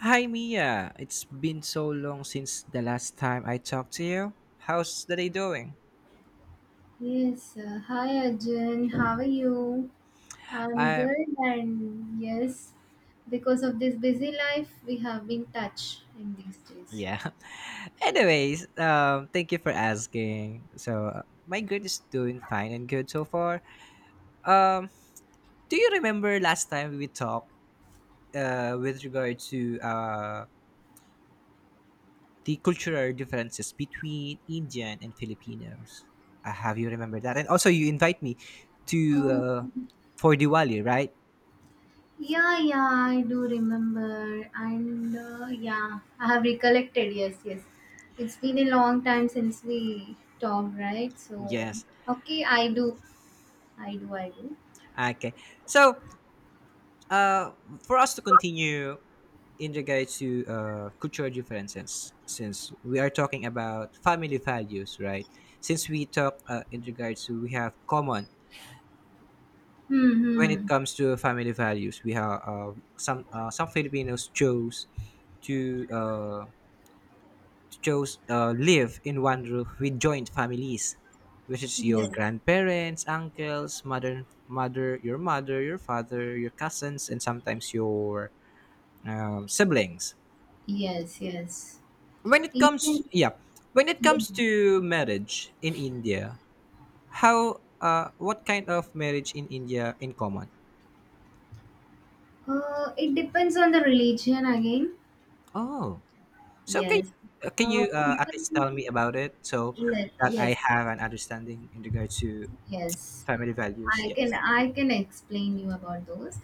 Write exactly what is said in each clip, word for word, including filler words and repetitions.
Hi Mia, it's been so long since the last time I talked to you. How's the day doing? Yes, uh, hi Arjun, how are you? I'm I good, and yes, because of this busy life, we have been touched in these days. Yeah. Anyways, um, thank you for asking. So uh, my grade is doing fine and good so far. Um, do you remember last time we talked uh, with regard to uh, the cultural differences between Indian and Filipinos? Uh, have you remembered that? And also, you invite me to Oh, uh, for Diwali, right? yeah, yeah, I do remember, and uh, yeah, I have recollected. Yes, yes, it's been a long time since we talked, right? So, Yes. okay, I do, I do, I do. Okay. So uh, for us to continue in regards to uh, cultural differences, since we are talking about family values, right? Since we talk uh, in regards to we have common Hmm, when it hmm. comes to family values, we have uh, some uh, some Filipinos chose to uh, chose uh, live in one roof with joint families, which is your Yes, grandparents, uncles, mother, mother, your mother, your father, your cousins, and sometimes your um, siblings. yes, yes. when it comes Even, yeah when it yeah. comes to marriage in India, how uh what kind of marriage in India in common? Uh, it depends on the religion again. Oh, so can Yes. you, can Uh, you uh, at least people, tell me about it so yes, that I yes, have an understanding in regard to yes. family values? I Yeah. can I can explain you about those.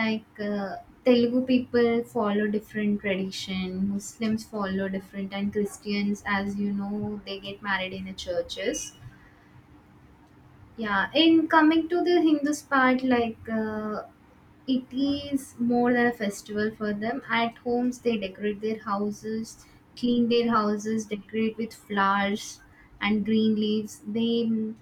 Like uh, Telugu people follow different tradition, Muslims follow different, and Christians, as you know, they get married in the churches. Yeah, in coming to the Hindus part, like uh, it is more than a festival for them. At homes, they decorate their houses, clean their houses, decorate with flowers and green leaves. They m-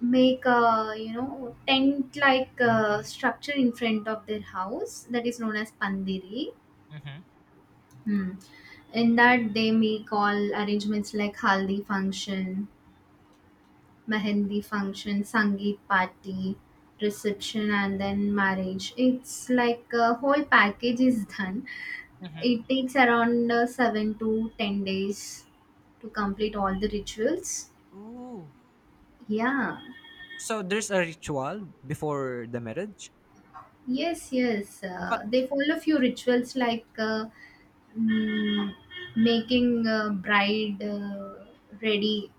make a you know tent like uh, structure in front of their house that is known as pandiri. Mm-hmm, Hmm. In that, they make all arrangements like haldi function, mehendi function, sangeet party, reception, and then marriage. It's like a whole package is done. mm-hmm. It takes around uh, seven to ten days to complete all the rituals. Oh, Yeah. so there's a ritual before the marriage, Yes, yes. but Uh, they follow few rituals like uh, mm, making uh, bride uh, ready.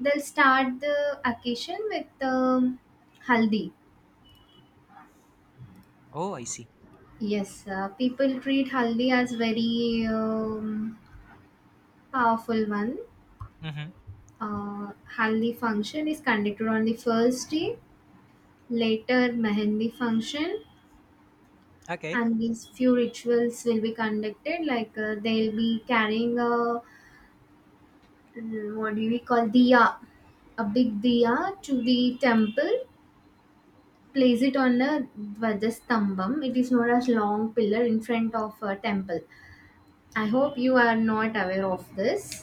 They'll start the occasion with um haldi. oh, I see. Yes, uh, people treat haldi as very um, powerful one. Mm-hmm. Uh, Haldi function is conducted on the first day, later mehendi function, Okay. and these few rituals will be conducted. Like uh, they'll be carrying a mm, what do we call diya, a big diya to the temple. Place it on a dvajastambam. It is known as long pillar in front of a temple. I hope you are not aware of this.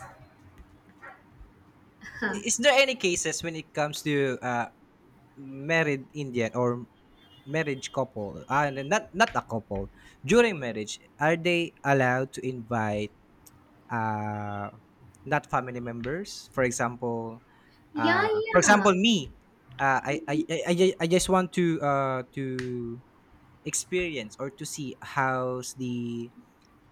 Is there any cases when it comes to uh, married Indian or marriage couple? Uh, not not a couple during marriage. Are they allowed to invite uh, not family members? For example, Yeah, uh, for example, yeah. me. Uh, I, I, I, I ju- I just want to uh, to experience or to see how's the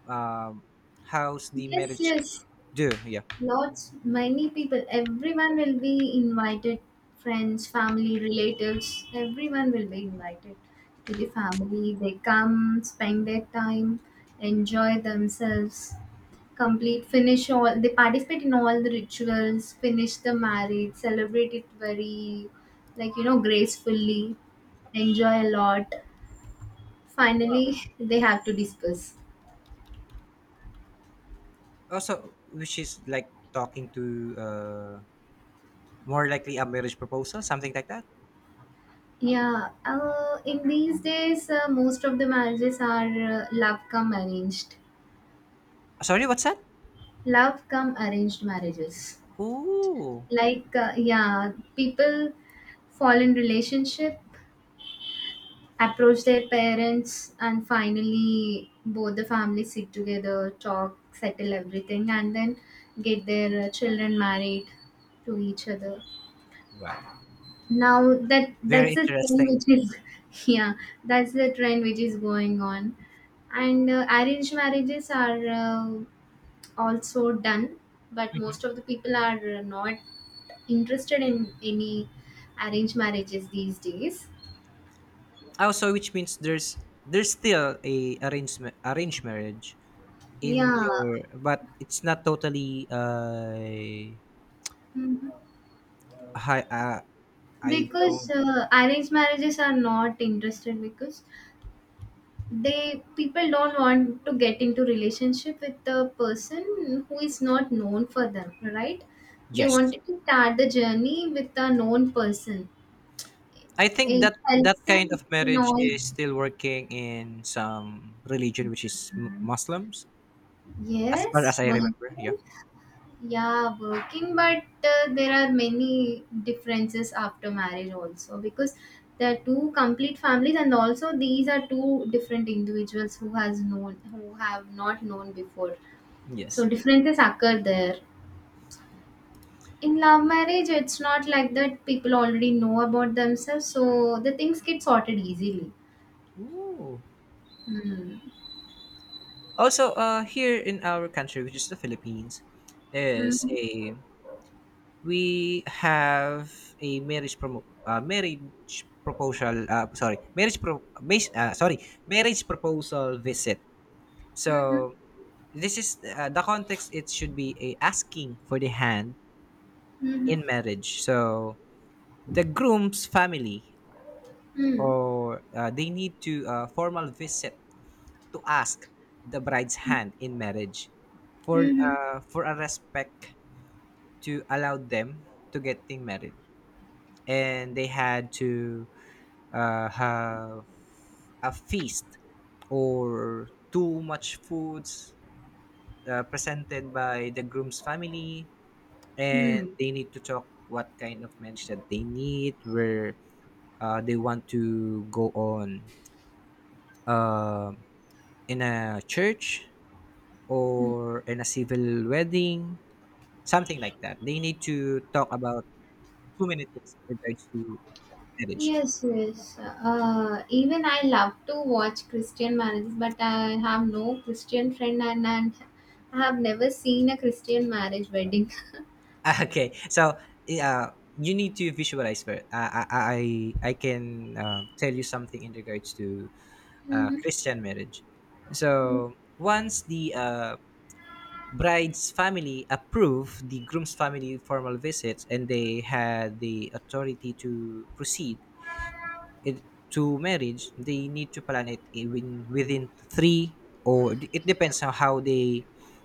um, how's the Yes, marriage yes. do. Yeah. Lots, many people. Everyone will be invited. Friends, family, relatives. Everyone will be invited to the family. They come, spend their time, enjoy themselves, complete, finish all. They participate in all the rituals, finish the marriage, celebrate it very, like, you know, gracefully, enjoy a lot. Finally, they have to discuss. Also, which is like talking to uh, more likely a marriage proposal, something like that. Yeah, uh, in these days, uh, most of the marriages are uh, love come arranged, Sorry, what's that? love come arranged marriages. Ooh, Like, uh, yeah, people fall in relationship, approach their parents, and finally both the families sit together, talk, settle everything, and then get their uh, children married to each other. wow, Now that very that's a trend interesting. which is yeah, that's the trend which is going on, and uh, arranged marriages are uh, also done, but Mhm. most of the people are not interested in any arranged marriages these days. Also, which means there's there's still a arranged ma- arranged marriage in Yeah. your, but it's not totally. Uh, Mhm. I uh, I Because don't. uh, arranged marriages are not interested because they people don't want to get into relationship with the person who is not known for them, right? They Yes, wanted to start the journey with a known person. I think It that that helps kind them of in marriage all. is still working in some religion, which is m- Muslims, as far Yes, as I remember. Yeah. working. Yeah, working, but uh, there are many differences after marriage also, because there are two complete families and also these are two different individuals who has known who have not known before, so Yes. differences occur there. In love marriage, it's not like that. People already know about themselves, so the things get sorted easily. Ooh. Mm. Also, uh, here in our country, which is the Philippines, is Mm-hmm. a we have a marriage promo uh, marriage proposal. Uh, sorry, marriage pro mas- uh, sorry marriage proposal visit. Mm-hmm. So this is uh, the context. It should be a asking for the hand in Mm-hmm. marriage. So the groom's family Mm-hmm. or uh, they need to uh, formal visit to ask the bride's hand in marriage for Mm-hmm. uh, for a respect to allow them to getting married, and they had to uh, have a feast or too much foods uh, presented by the groom's family, Mm-hmm. and they need to talk what kind of marriage that they need, where uh, they want to go on, uh, in a church or in a civil wedding, something like that. They need to talk about too many things in regards to marriage. Yes, yes. Uh, even I love to watch Christian marriages, but I have no Christian friend, and, and I have never seen a Christian marriage wedding. Okay, so yeah, you need to visualize first. I I I I can uh, tell you something in regards to uh, Mm-hmm. Christian marriage. So once the uh, bride's family approve the groom's family formal visits and they had the authority to proceed it, to marriage they need to plan it, even within three or d- it depends on how they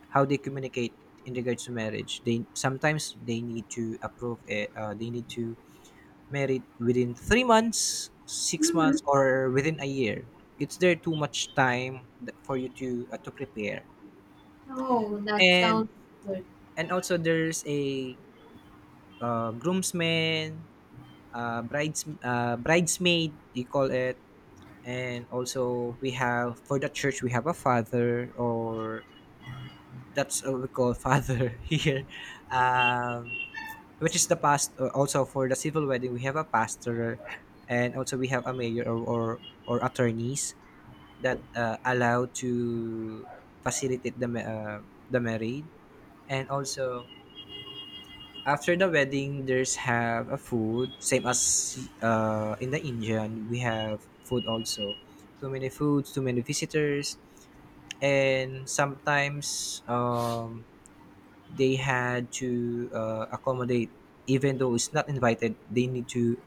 how they communicate in regards to marriage, they sometimes they need to approve it, uh, they need to marry within three months, six Mm-hmm. months or within a year. It's there too much time th- for you to uh, to prepare. Oh, that and sounds good. and also there's a uh, groomsman, uh, brides uh, bridesmaid, you call it. And also, we have for the church, we have a father, or that's what we call father here, um, which is the past, uh, also for the civil wedding we have a pastor, and also we have a mayor or or, or attorneys that uh, allow to facilitate the ma- uh, the marriage. And also after the wedding, there's have a food, same as uh, in the Indian we have food also. Too many foods, too many visitors, and sometimes um, they had to uh, accommodate, even though it's not invited, they need to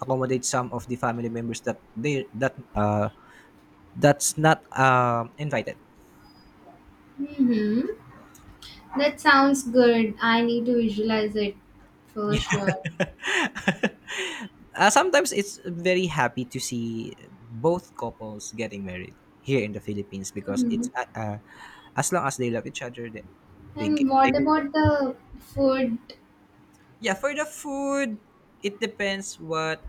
accommodate some of the family members that they that uh, that's not uh invited. Mm-hmm. That sounds good. I need to visualize it for sure. Uh, sometimes it's very happy to see both couples getting married here in the Philippines, because it's Hmm. uh, uh, as long as they love each other, they they, get, And they what can. about the food? Yeah, for the food, it depends what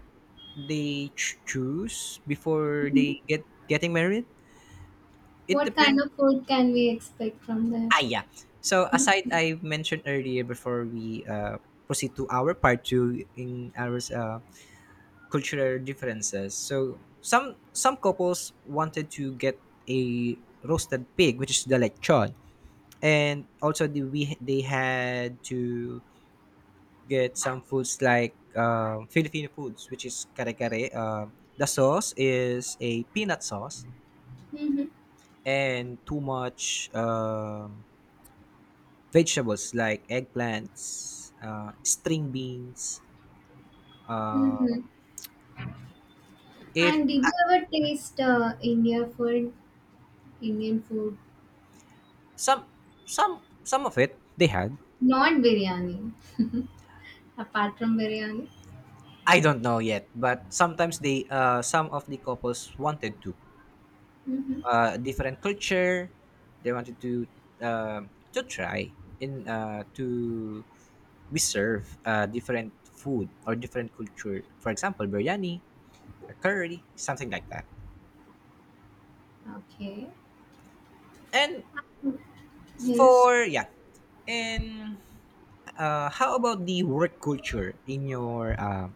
they ch- choose before they get getting married. It What depends. kind of food can we expect from there? Ah, yeah. So aside, I mentioned earlier before we uh, proceed to our part two in our uh, cultural differences. So some some couples wanted to get a roasted pig, which is the lechon, and also the, we they had to get some foods like um, Filipino foods, which is kare-kare. Uh, the sauce is a peanut sauce, Mm-hmm. and too much um, vegetables like eggplants, uh, string beans. Mm-hmm. If And did you ever taste uh, India food, Indian food? some some some of it they had, Not biryani, apart from biryani. I don't know yet, but sometimes they uh, some of the couples wanted to. Mm-hmm. Uh, different culture. They wanted to uh, to try in uh, to we serve uh, different food or different culture. For example, biryani, a curry, something like that. Okay. And Yes. for yeah, and uh, how about the work culture in your uh,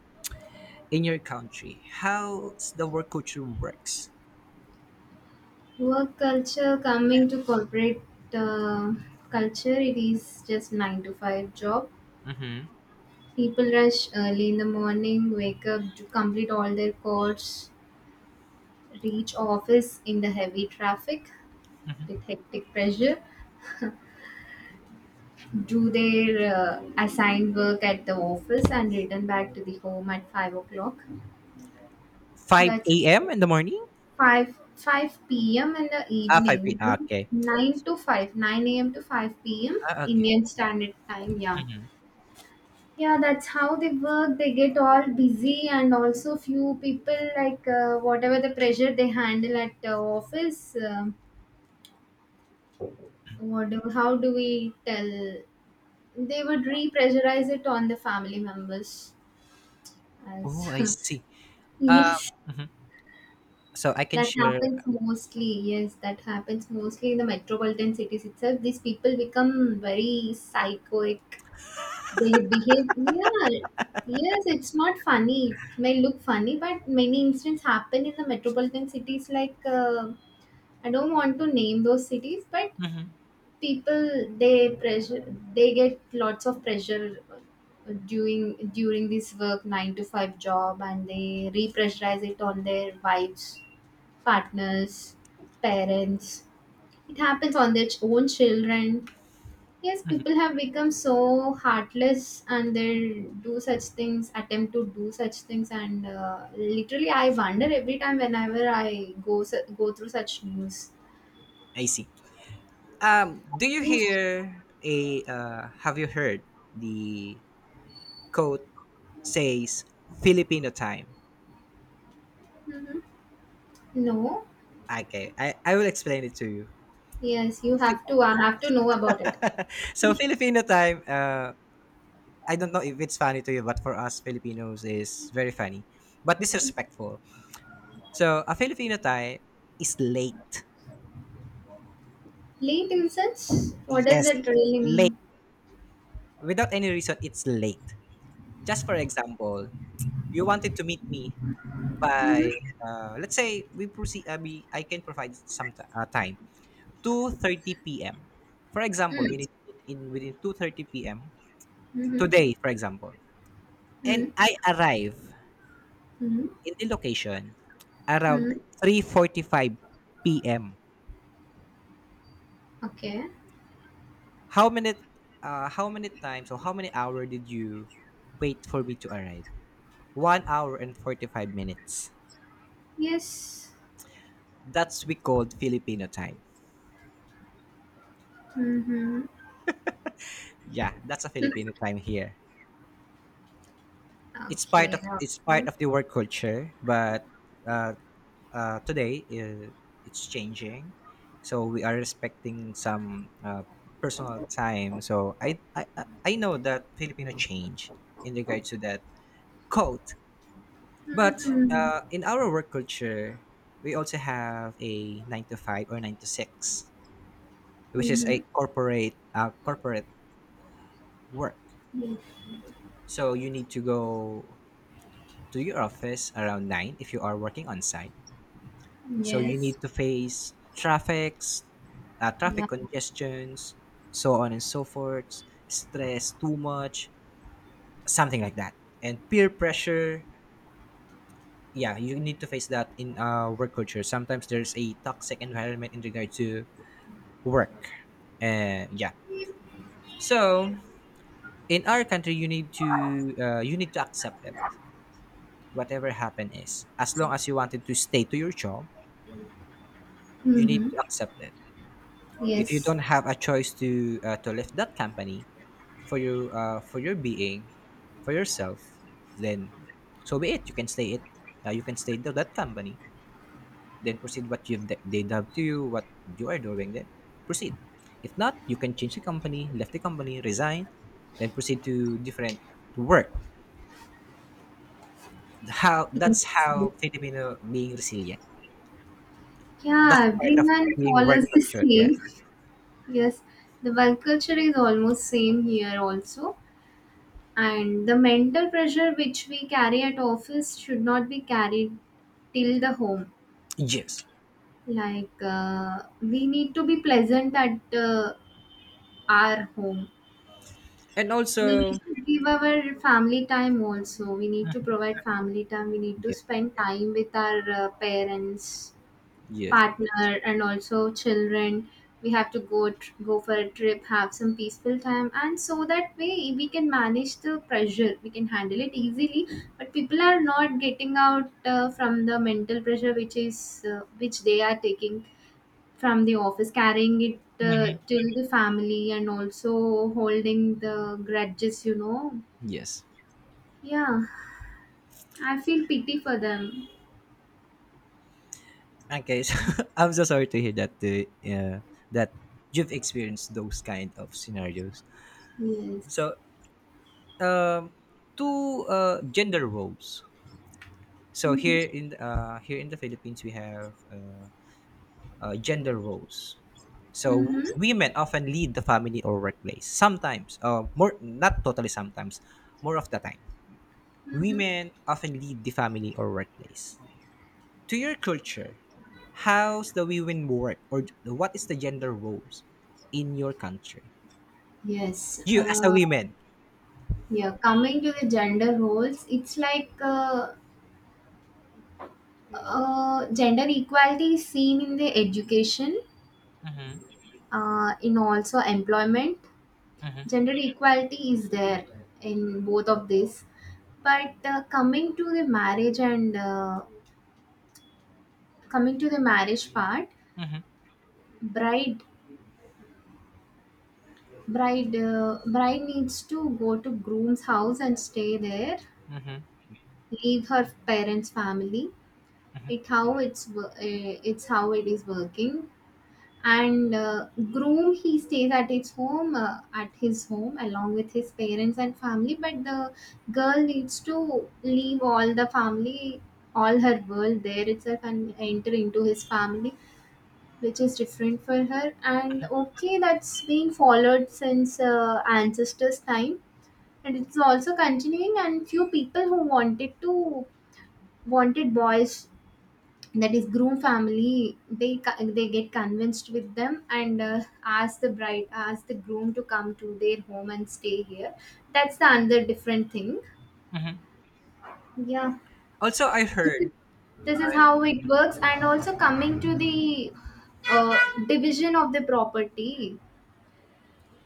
in your country? How's the work culture works? Work culture coming to corporate uh, culture, it is just nine to five job. Mm-hmm. People rush early in the morning, wake up, do complete all their chores, reach office in the heavy traffic with hectic pressure, do their uh, assigned work at the office, and return back to the home at five o'clock. That's five a m in the morning? five five p m in the Ah, evening, five p m. right? Okay. Nine to five, nine a.m. to five p.m. Ah, okay. Indian Standard Time. Yeah, Mm-hmm. yeah, that's how they work. They get all busy, and also few people like uh, whatever the pressure they handle at uh, office, uh, what do, how do we tell, they would re-pressurize it on the family members as Oh, I see. Uh, yes, mhm. So I can that share. happens mostly. Yes, that happens mostly in the metropolitan cities itself. These people become very psychoic. They behave, yeah, yes, it's not funny. It may look funny, but many incidents happen in the metropolitan cities. Like, uh, I don't want to name those cities, but Hmm. people they pressure, they get lots of pressure uh, during during this work nine to five job, and they repressurize it on their wives, partners, parents. It happens on their ch- own children. Yes, people have become so heartless and they do such things, attempt to do such things, and uh, literally, I wonder every time whenever I go su- go through such news. I see. Um, do you Yes. hear a? Uh, have you heard the quote says Filipino time? Mm-hmm. No. Okay, I, I will explain it to you. Yes, you Fi- have to. I have to know about it. so Filipino time. Uh, I don't know if it's funny to you, but for us Filipinos is very funny, but disrespectful. So a Filipino time is late. Late innocence. What does Yes, it really late mean? without any reason. It's late. Just for example, you wanted to meet me by Mm-hmm. uh, let's say we proceed uh, we, I can provide some t- uh, time two thirty p.m, for example, Mm-hmm. we need to meet in within two thirty p.m Mm-hmm. today, for example, and I Mm-hmm. arrive Mm-hmm. in the location around Mm. three forty-five p.m. Okay. How many uh, how many times, or how many hour did you wait for me to arrive? One hour and forty-five minutes. Yes. That's we called Filipino time. Mm-hmm. Yeah, that's a Filipino time here. it's part Okay. Of it's part Okay. of the work culture, but uh, uh, today uh, it's changing. So we are respecting some uh, personal time. So I, I i I know that Filipino change in regards to that quote. But Mm-hmm. uh, in our work culture we also have a nine to five or nine to six, which is Mm-hmm. a corporate uh, corporate work. Yes. So you need to go to your office around nine if you are working on site, so you Yes. need to face traffics, uh, Yeah. traffic congestions, so on and so forth. Stress too much, something like that, and peer pressure. Yeah, you need to face that in uh, work culture. Sometimes there's a toxic environment in regard to work, uh, yeah. So in our country, you need to uh, you need to accept it, whatever happen is. As long as you wanted to stay to your job, you need Mm-hmm. to accept it. If you Yes. don't have a choice to uh, to leave that company, for you uh, for your being, for yourself, then so be it. You can stay it uh, you can stay to that company, then proceed what you they dub to you, what you are doing, then proceed. If not, you can change the company, left the company, resign, then proceed to different, to work. How that's Yes. Yes. how Filipino being resilient. That's Yeah, part of everyone being follows work the culture. same. Yes. Yes. The work culture is almost same here also. And the mental pressure which we carry at office should not be carried till the home. Yes. Like uh, we need to be pleasant at uh, our home. And We also, need to give our family time also. We need to provide family time. We need to yes, spend time with our uh, parents, yes, partner, and also children. We have to go tr- go for a trip, have some peaceful time, and so that way we can manage the pressure. We can handle it easily. But people are not getting out uh, from the mental pressure which is uh, which they are taking from the office, carrying it uh, till the family, and also holding the grudges, you know. yes. Yeah, I feel pity for them. Okay, so I'm so sorry to hear that the uh, yeah, that you've experienced those kind of scenarios. Yes. So, um, two uh, gender roles. So here Mm-hmm. in uh, here in the Philippines, we have uh, uh, gender roles. So Mm-hmm. women often lead the family or workplace. Sometimes, uh, more, not totally. Sometimes, more of the time, women often lead the family or workplace. To your culture, how's the women work, or what is the gender roles in your country? Yes. You as a Uh, woman. Yeah. Coming to the gender roles, it's like uh, uh, gender equality is seen in the education, Mm-hmm. uh, in also employment, Mm-hmm. gender equality is there in both of this, but uh, coming to the marriage and uh, coming to the marriage part, Mm-hmm. bride bride uh, bride needs to go to groom's house and stay there, Mm-hmm. leave her parents family. It how it's wo- uh, it's how it is working. And uh, groom, he stays at his home uh, at his home along with his parents and family, but the girl needs to leave all the family, all her world there itself, and enter into his family, which is different for her. And okay, that's been followed since uh, ancestors time, and it's also continuing. And few people who wanted to wanted boys, that is groom family, they co- they get convinced with them and uh, ask the bride ask the groom to come to their home and stay here. That's the another different thing. Mm-hmm. Yeah, Also, I this heard. is, this is And how it works. And also coming to the uh, division of the property,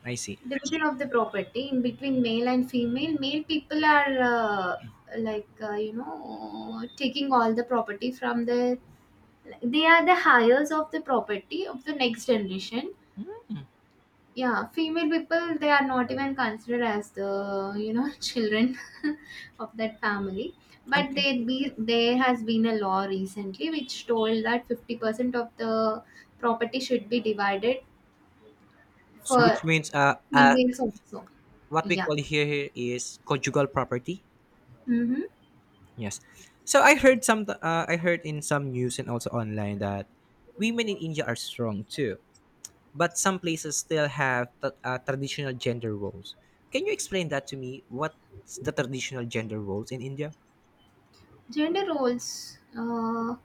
I see. division of the property in between male and female, male people are uh, like uh, you know, taking all the property from the, they are the heirs of the property of the next generation. Yeah, female people, they are not even considered as the, you know, children of that family. But Okay. they be, there has been a law recently which told that fifty percent of the property should be divided So for which means uh, uh females also. what we Yeah. call here is conjugal property. Mm-hmm. Yes. So I heard some uh, I heard in some news and also online that women in India are strong too, but some places still have t- uh, traditional gender roles. Can you explain that to me? What's the traditional gender roles in India? Gender roles. Uh,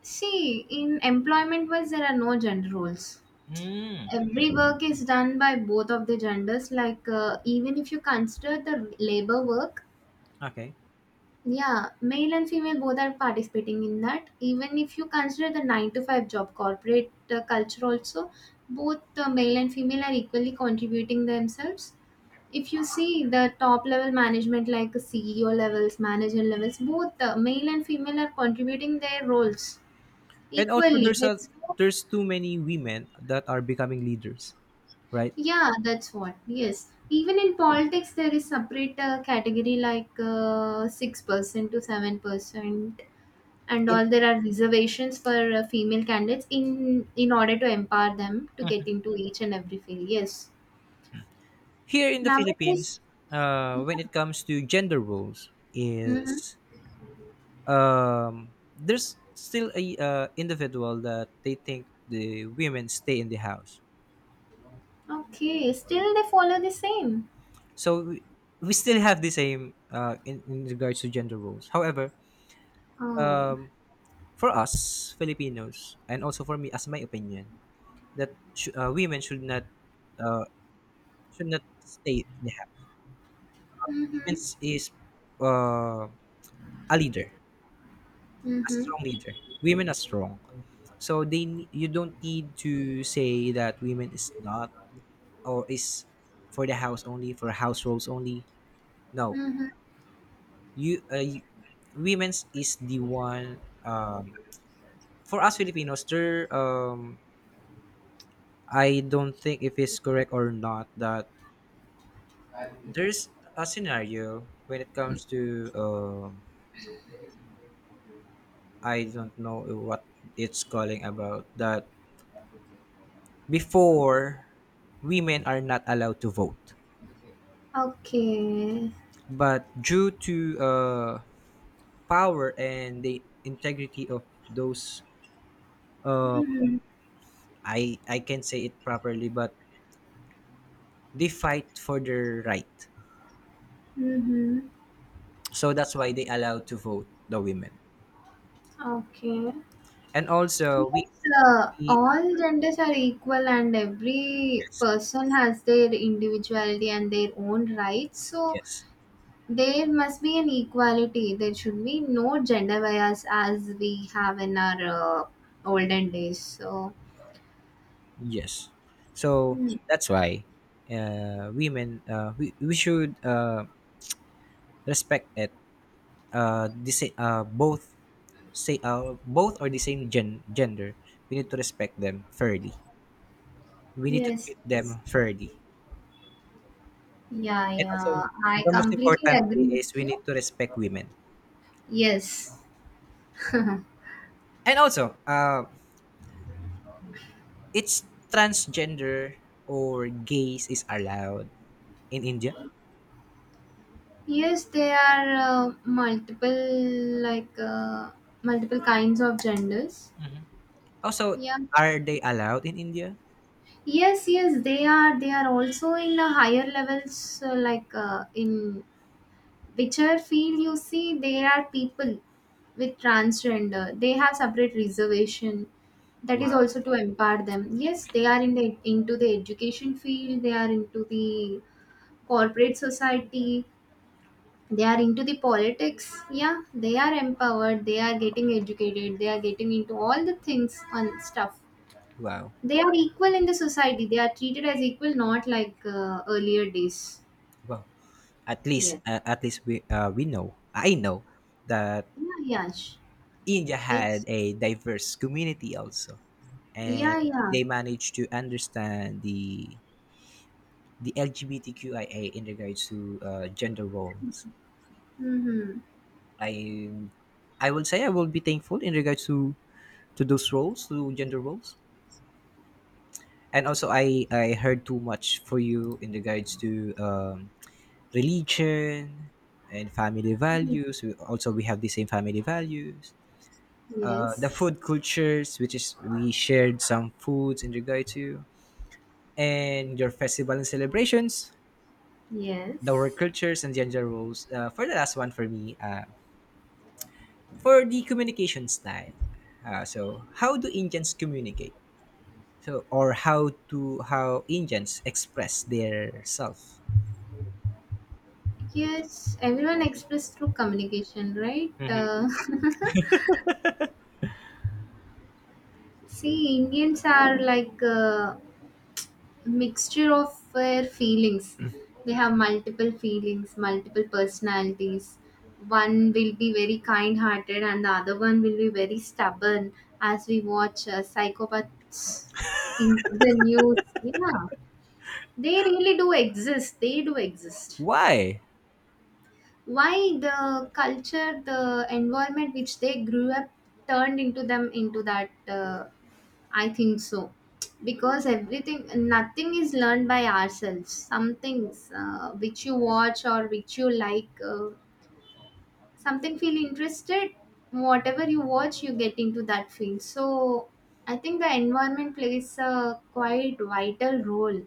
See, in employment wise, there are no gender roles. Hmm. Every work is done by both of the genders. Like, uh, even if you consider the labor work, Okay. yeah, male and female both are participating in that. Even if you consider the nine to five job, corporate uh, culture also, both uh, male and female are equally contributing themselves. If you see the top level management, like C E O levels, manager levels, both the male and female are contributing their roles And also, equally. there's a That's what— there's too many women that are becoming leaders, right? yeah, that's what. Yes, even in politics there is separate uh, category, like uh, six percent to seven percent, and In all there are reservations for uh, female candidates in in order to empower them to get into each and every field. Yes, here in the nowadays. Philippines, uh, when Yeah. it comes to gender roles, Hmm. is um, there's still a uh, individual that they think the women stay in the house. Okay, still they follow the same. So we, we still have the same uh, in, in regards to gender roles. However, Oh. um, for us Filipinos and also for me, as my opinion, that sh- uh, women should not uh, should not stay in the house. Women Mhm. is uh, a leader, a Mhm. strong leader. Women are strong, so they ne- you don't need to say that women is not, or is for the house only, for house roles only. No. Mhm. You uh, women's is the one. um, for us Filipinos, there um I don't think if it's correct or not that there's a scenario when it comes to um I don't know what it's calling about, that before, women are not allowed to vote. Okay. But due to uh power and the integrity of those, um Mhm. I I can not say it properly, but they fight for their right. Mhm. So that's why they allowed to vote the women. Okay. And also we, Yes, uh, we uh, all genders are equal and every person has their individuality and their own rights. So yes. there must be an equality. There should be no gender bias as we have in our uh, olden days. So, Yes, so hmm. that's why uh, women, uh, we, we should uh, respect it, uh, the, sa- uh, both, say uh, both or the same gen- gender. We need to respect them fairly, we need to Yes, treat yes. them fairly. Yeah, And also, yeah. I the most completely important agree is with we you. need to respect women. Yes. And also, uh it's transgender or gays is allowed in India. Yes, there are uh, multiple like uh, multiple kinds of genders. Also, Yeah. are they allowed in India? Yes, yes, they are. They are also in the higher levels, uh, like uh, in whichever field you see, there are people with transgender. They have separate reservation. That is Wow, also to empower them. Yes, they are in the into the education field. They are into the corporate society, they are into the politics. Yeah, they are empowered, they are getting educated, they are getting into all the things on stuff. wow, They are equal in the society, they are treated as equal, not like uh, earlier days. wow. At least, uh, yes. at least we uh, we know. I know that Yeah, yeah sh- India had it's, a diverse community also, and yeah, yeah. they managed to understand the the LGBTQIA in regards to uh, gender roles. Mm-hmm. I I will say I will be thankful in regards to to those roles, to gender roles. And also, I I heard too much for you in regards to um, religion and family values. We, also, we have the same family values, uh, the Yes, food cultures, which is we shared some foods in regard to, and your festival and celebrations, the work yes, cultures and gender roles. Uh, for the last one for me, uh, for the communication style, uh, so how do Indians communicate, so or how to how Indians express their self. yes, everyone expressed through communication, right? Mhm. uh, see, Indians are like uh, mixture of their feelings. They have multiple feelings, multiple personalities. One will be very kind hearted and the other one will be very stubborn, as we watch uh, psychopaths in the news. Yeah, they really do exist. They do exist. Why? Why? The culture, the environment which they grew up turned into them into that uh, I think so. Because everything, nothing is learned by ourselves. Some things uh, which you watch or which you like, uh, something feel interested, whatever you watch, you get into that field. So I think the environment plays a quite vital role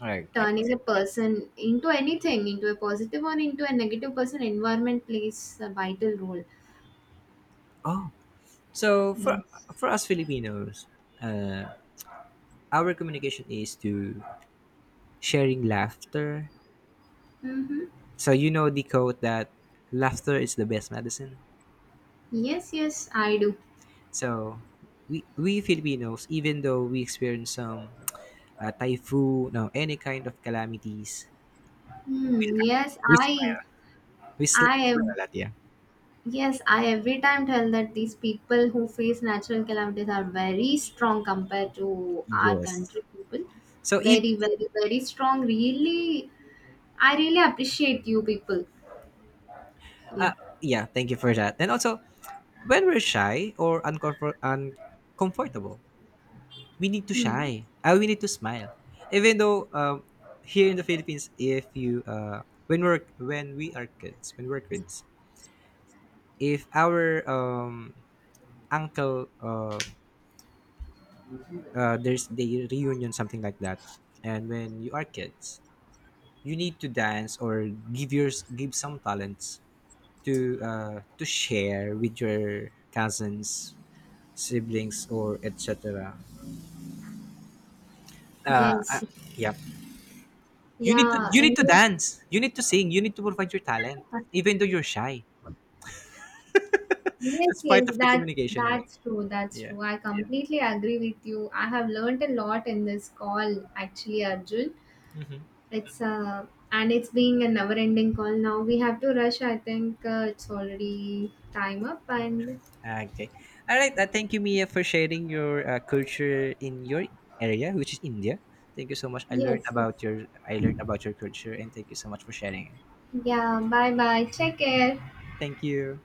Okay. turning a person into anything, into a positive or into a negative person. Environment plays a vital role. Oh, so for Yes. for us Filipinos, uh, our communication is to sharing laughter. Mm-hmm. So you know the quote that laughter is the best medicine. Yes, yes, I do. So we we Filipinos, even though we experience some uh, typhoon, no, any kind of calamities, we Hmm. laugh, Yes, we I smile, we sl- I smile a am lot. Yeah. Yes, I every time tell that these people who face natural calamities are very strong compared to our Yes. country people. So if Very, very, very strong. Really, I really appreciate you people. uh, Yeah. yeah, thank you for that. And also, when we're shy or uncomfort- uncomfortable, we need to Hmm. shine. Uh, we need to smile. Even though, um, here in the Philippines, if you uh, when we're when we are kids, when we're kids, if our um, uncle uh, uh, there's the reunion, something like that, and when you are kids, you need to dance or give yours give some talents to uh, to share with your cousins, siblings, or et cetera. Uh, uh, Yes. yeah. You need to Yeah. You need And to yes, dance. You need to sing. You need to provide your talent, even though you're shy. yes, That's part yes, of the that, communication. Yeah. that's true. That's Yeah. true. I completely agree with you. I have learned a lot in this call, actually, Arjun. Mhm. It's uh, and it's being a never-ending call. Now we have to rush. I think uh, it's already time up. And Okay. All right. Uh, thank you, Mia, for sharing your uh, culture in your area, which is India. Thank you so much. I learned yes, yes. about your I learned about your culture, and thank you so much for sharing it. Yeah. Bye bye. Take care. Thank you.